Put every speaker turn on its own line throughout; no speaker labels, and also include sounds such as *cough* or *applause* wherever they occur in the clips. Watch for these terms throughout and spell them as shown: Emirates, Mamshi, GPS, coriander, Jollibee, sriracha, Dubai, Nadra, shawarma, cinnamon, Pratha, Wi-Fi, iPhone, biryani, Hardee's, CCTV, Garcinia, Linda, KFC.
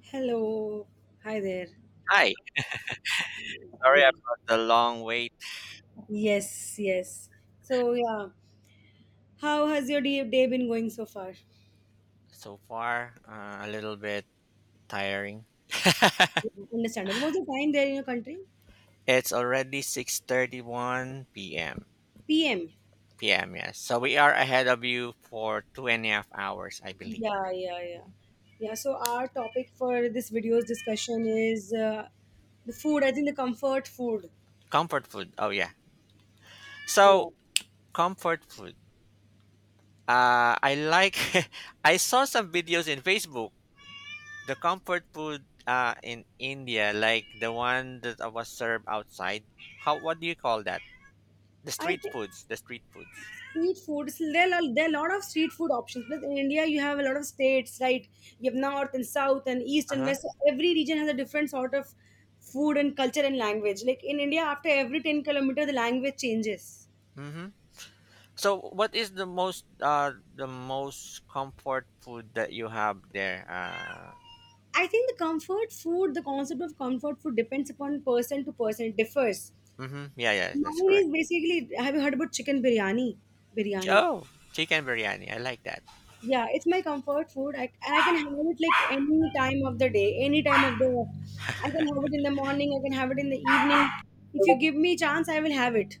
Hello. Hi there.
Hi, sorry
Yeah.
about the long wait.
Yes, yes. So, yeah. How has your day been going so far?
So far, a little bit tiring.
Understandable. What was the time there in your country?
It's already 6:31 p.m.
PM.
p.m. Yes. So we are ahead of you for 2.5 hours, I believe.
Yeah, yeah, yeah. Yeah, so our topic for this video's discussion is the food, I think the comfort food.
Comfort food. Oh yeah. So
Yeah.
comfort food. I like. *laughs* I saw some videos in Facebook. The comfort food in India, like the one that I was served outside. How? What do you call that? The
I
street
think
foods. The street foods.
street foods, there are a lot of street food options. Plus, in India, you have a lot of states, right? You have north and south and east
Uh
and
huh.
west. So every region has a different sort of food and culture and language. Like in India, after every 10 kilometer, the language changes.
Mm-hmm. So, what is the most comfort food that you have there?
I think the comfort food, the concept of comfort food depends upon person to person. It differs.
Mm-hmm, yeah, yeah, that's
Mine
correct.
is basically, have you heard about chicken biryani? Biryani.
Oh, chicken biryani, I like that.
Yeah, it's my comfort food. I, and I can have it like any time of the day, any time of the. I can have it in the morning. I can have it in the evening. If you give me chance, I will have it.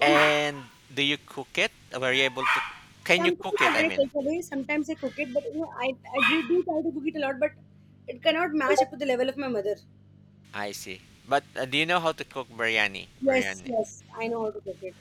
And
And do you cook it? Were you able to? Can you cook
sometimes
it?
I
I
get a
mean,
takeaway. Sometimes I cook it, but I do, do try to cook it a lot, but it cannot match up to the level of my mother.
I see. But do you know how to cook biryani?
Yes,
Biryani.
yes, I know how to cook it.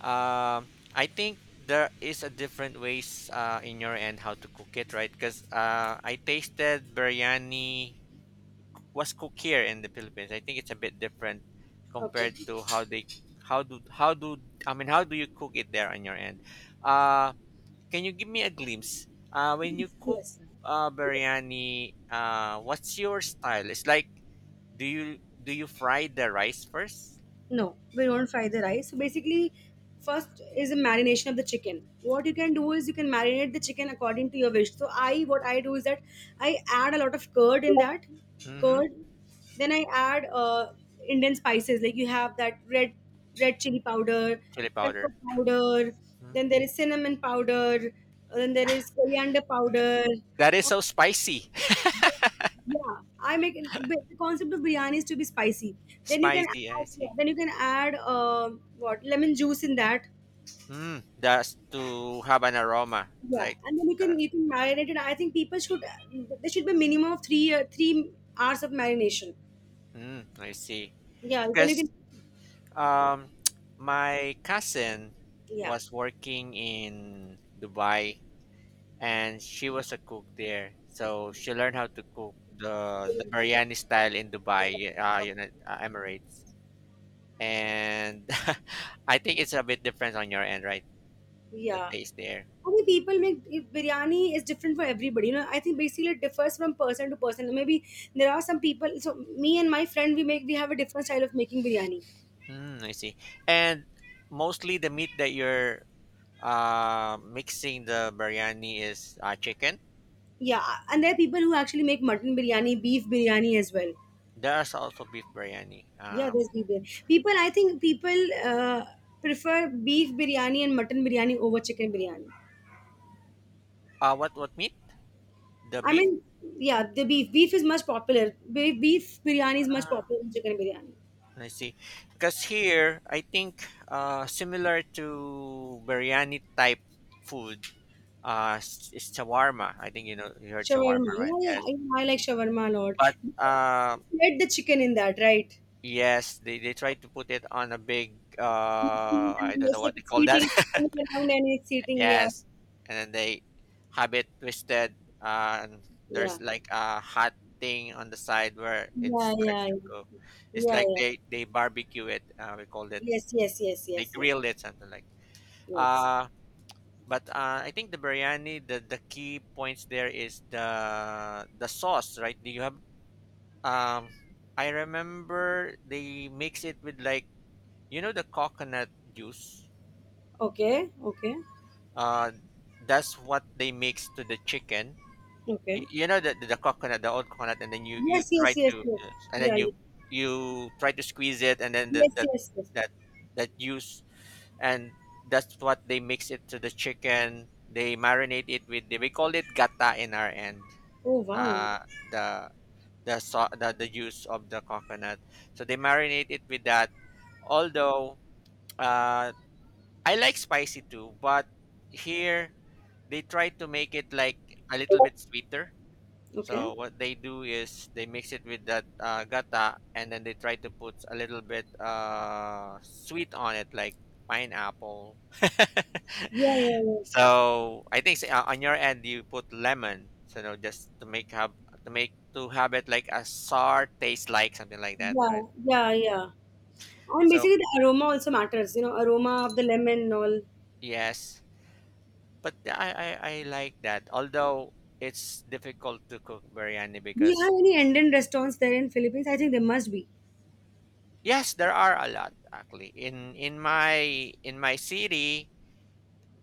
Um, I think there is a different ways in your end how to cook it, right? Because I tasted biryani was cooked here in the Philippines. I think it's a bit different
Okay.
compared to how they how do I mean how do you cook it there on your end? Uh can you give me a glimpse? When you
Yes,
cook
yes.
biryani, what's your style? It's like do you fry the rice first?
No, we don't fry the rice. So basically, first is a marination of the chicken. What you can do is you can marinate the chicken according to your wish. So I, what I do is that I add a lot of curd in that
Mm-hmm.
curd. Then I add Indian spices like you have that red chili powder,
Chili
pepper
powder.
powder.
Mm.
Then there is cinnamon powder. Then there is coriander powder.
That is so spicy.
Yeah, I make it- but the concept of biryani is to be spicy.
*laughs*
Then you can
spicy, I
add, yeah,
see.
then you can add what lemon juice in that.
Mm, that's to have an aroma
Yeah,
like
and then
uh,
you can marinate it. I think people should there should be minimum of 3 hours of marination.
mm, I see.
Yeah, then you
Because
can
Um, my cousin
yeah.
was working in Dubai and she was a cook there. So she learned how to cook the biryani style in Dubai, United Emirates. And *laughs* I think it's a bit different on your end, right? The
Yeah.
taste there.
I think people make biryani is different for everybody. You know, I think basically it differs from person to person. Maybe there are some people. So me and my friend, we have a different style of making biryani.
Mm, I see. And mostly the meat that you're mixing the biryani is chicken.
Yeah, and there are people who actually make mutton biryani, beef biryani as well.
There's also beef biryani.
Yeah, there's beef biryani. People, I think people uh, prefer beef biryani and mutton biryani over chicken biryani.
What meat? The
I
beef?
mean, yeah, the beef is much popular. Beef biryani is much popular than chicken biryani.
I see. Because here, I think similar to biryani type food, it's shawarma. I think you know you heard
Shawarma,
shawarma, right?
yeah,
Yes.
yeah, I like shawarma a lot.
But uh,
Shred the chicken in that, right?
yes, they try to put it on a big.
Machine and
I
then
don't know
it's
what
like
they
it's
call that.
heating, it's
*laughs*
coming around and it's heating. Yeah,
yes, and then they have it twisted, and
yeah,
there's like a hot thing on the side where it
yeah,
starts
yeah, yeah,
to go. It's
yeah,
like
yeah.
they barbecue it. We call it
Yes, yes, yes,
they
yes, yes,
grill it something like.
yes.
Uh, but I think the biryani, the key points there is the sauce, right? Do you have? Um, I remember they mix it with like you know the coconut juice.
Okay, okay,
Uh, that's what they mix to the chicken.
okay.
You know the coconut, the old coconut, and then you
Yes, yes,
try
yes,
to
yes.
and then
Yeah,
you
yeah.
you try to squeeze it, and then the
Yes,
that
yes, yes.
that that juice and that's what they mix it to the chicken. They marinate it with the, we call it gata in our end.
Oh, wow.
Uh, the the, so, the juice of the coconut. So they marinate it with that. Although uh, I like spicy too, but here they try to make it like a little bit sweeter.
Okay.
So what they do is they mix it with that gata, and then they try to put a little bit sweet on it, like pineapple. *laughs*
Yeah, yeah,
so I think on your end you put lemon, so you know, just to make have to make to have it like a sour taste, like something like that,
yeah.
right? Mhm.
Yeah, yeah, yeah. And
So
basically, the aroma also matters, you know, aroma of the lemon and all. Do
yes, but I like that. Although it's difficult to cook biryani
you
because
have any Indian restaurants there in Philippines? I think there must be.
yes, there are a lot actually. In my in my city,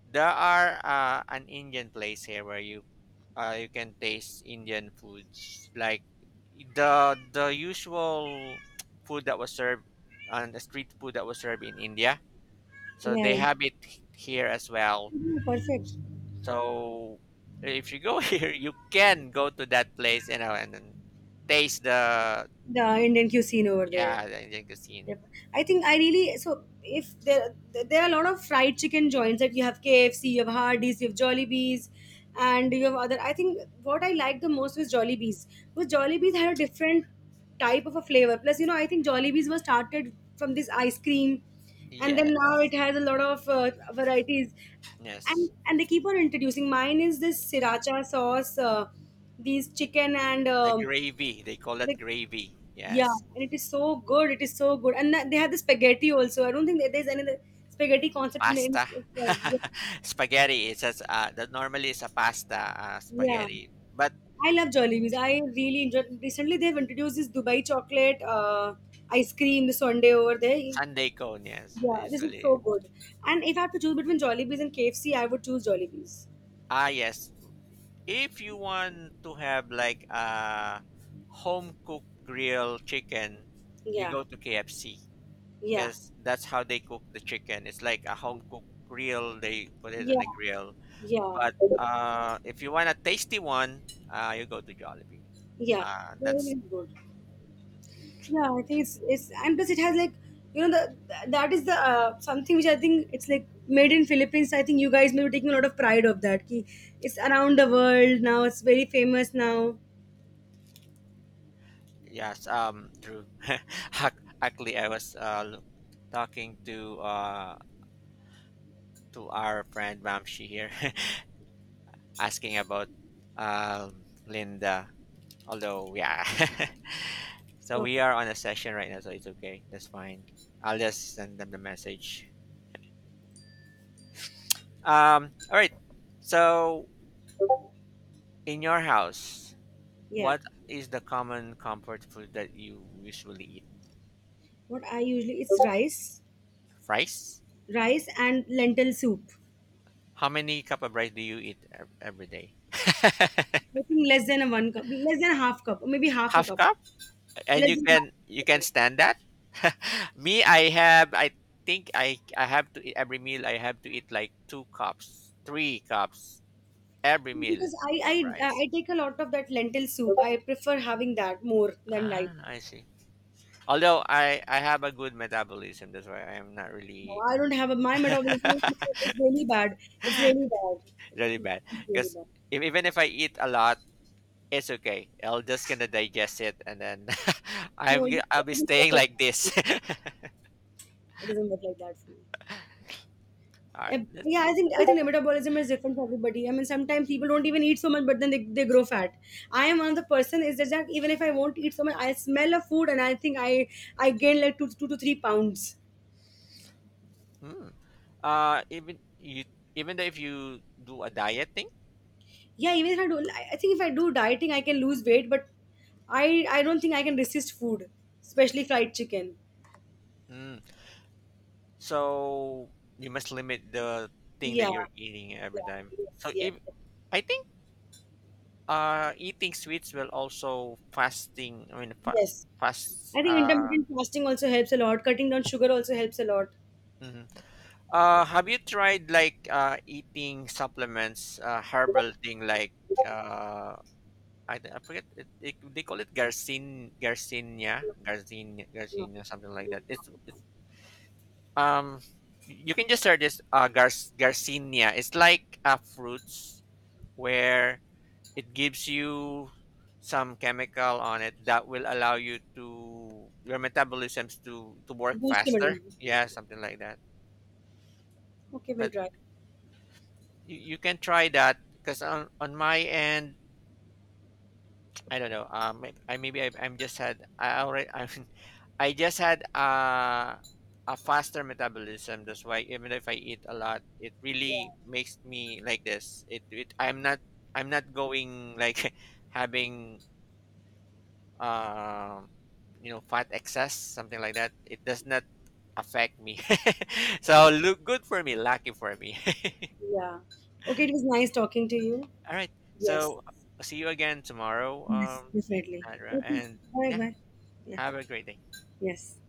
there are an Indian place here where you you can taste Indian foods like the usual *tsk* food that was served and the street food that was served in India. So
Yeah,
they
yeah.
have it here as well.
Oh, perfect.
So if you go *laughs* here, you can go to that place, you know, and then taste the
The Indian cuisine over there.
yeah the Indian cuisine.
Yep. I think I really so if there there are a lot of fried chicken joints that you have KFC, you have Hardee's, you have Jollibee's, and you have other. I think what I liked the most was Jollibee's, because Jollibee's had a different type of a flavor. Plus, you know, I think Jollibee's was started from this ice cream, and then now
Yes,
it has a lot of varieties,
yes.
and they keep on introducing. Mine is this sriracha sauce, these chicken and
The gravy, they call it
the
gravy.
yeah,
Yes,
and it is so good. It is so good. And that- they have the spaghetti also. I don't think that there's any other spaghetti concept in the in-
pasta, *laughs* spaghetti. It says that normally is a pasta
Yeah.
spaghetti, but
I love Jollibees. I really enjoy. Recently, they've introduced this Dubai chocolate ice cream, the sundae over there.
Sunday cone. Yes,
Yeah, this is
usually.
so good. And if I have to choose between Jollibees and KFC, I would choose Jollibees.
Ah, yes. If you want to have like a home cooked grill chicken, you
Yeah,
go to KFC
yeah,
because that's how they cook the chicken. It's like a home cooked grill. They put it on a
yeah,
grill.
yeah,
But if you want a tasty one, you go to Jollibee.
yeah.
That's
Jollibees good. Yeah, I think it's and plus it has like you know that is the something which I think it's like made in Philippines. I think you guys may be taking a lot of pride of that. Ki it's around the world now. It's very famous now.
yes, true. *laughs* Actually, I was talking to our friend Mamshi here, *laughs* asking about Linda. Although, yeah, *laughs* so we
Perfect.
are on a session right now, so it's okay. That's fine. I'll just send them the message. All right. So, in your house,
Yeah.
what is the common comfort food that you usually eat?
What I usually it's rice,
Rice?
rice and lentil soup.
How many cup of rice do you eat every day?
I think less than a one cup, less than a half cup, or maybe half a
Half
cup,
cup? And
less
you
than half.
can
A
you
cup, I
can
think
stand that? *laughs* Me, I think I have to eat every meal I have to eat like two cups, three cups every meal
because
of rice.
I take a lot of that lentil soup. I prefer having that more than
Ah,
rice.
I see. Although I have a good metabolism, that's why I am not
No,
really
I don't have a, my metabolism is really bad. It's really bad.
really bad.
It's really
Because
bad.
if, even if I eat a lot, it's okay. I'll just gonna digest it, and then *laughs*
No, it
I'll be
doesn't work
staying
like
like
that. For
this.
me.
*laughs*
It doesn't work like that for me.
All right,
Eh,
that's
yeah,
it.
I think the metabolism is different for everybody. I mean, sometimes people don't even eat so much, but then they grow fat. I am one of the person is that even if I won't eat so much, I smell a food and I think I gain like 2 to 3 pounds.
Mm. Even you even though if you do a diet thing
Yeah, even if I do, I think if I do dieting, I can lose weight, but I don't think I can resist food, especially fried chicken.
mm, so you must limit the thing that
Yeah,
you're eating every time
yeah,
so
yes, yeah,
if I think eating sweets will also fasting I mean
yes.
fast
I think intermittent fasting also helps a lot. Cutting down sugar also helps a lot.
mhm. Have you tried like eating supplements herbal thing like uh I forget it, they call it garcinia garcinia something like that it's Um, you can just search this Garcinia. It's like fruits where it gives you some chemical on it that will allow you to your metabolisms to work
Boost
faster.
immunity.
Yeah, something like that.
Okay, we'll
But
try.
you can try that because on my end, I don't know. I'm just had I already *laughs* I'm I just had a faster metabolism. That's why even if I eat a lot, it
Yeah,
really makes me like this. It I'm not going like *laughs* having um you know fat excess something like that. It does not affect me. *laughs* so look good for me, lucky for me. *laughs*
yeah. Okay, it was nice talking to you.
All right.
Yes,
So see you again tomorrow,
yes, definitely.
Nadra,
Okay,
and
bye
yeah,
bye. Yeah,
have a great day.
yes.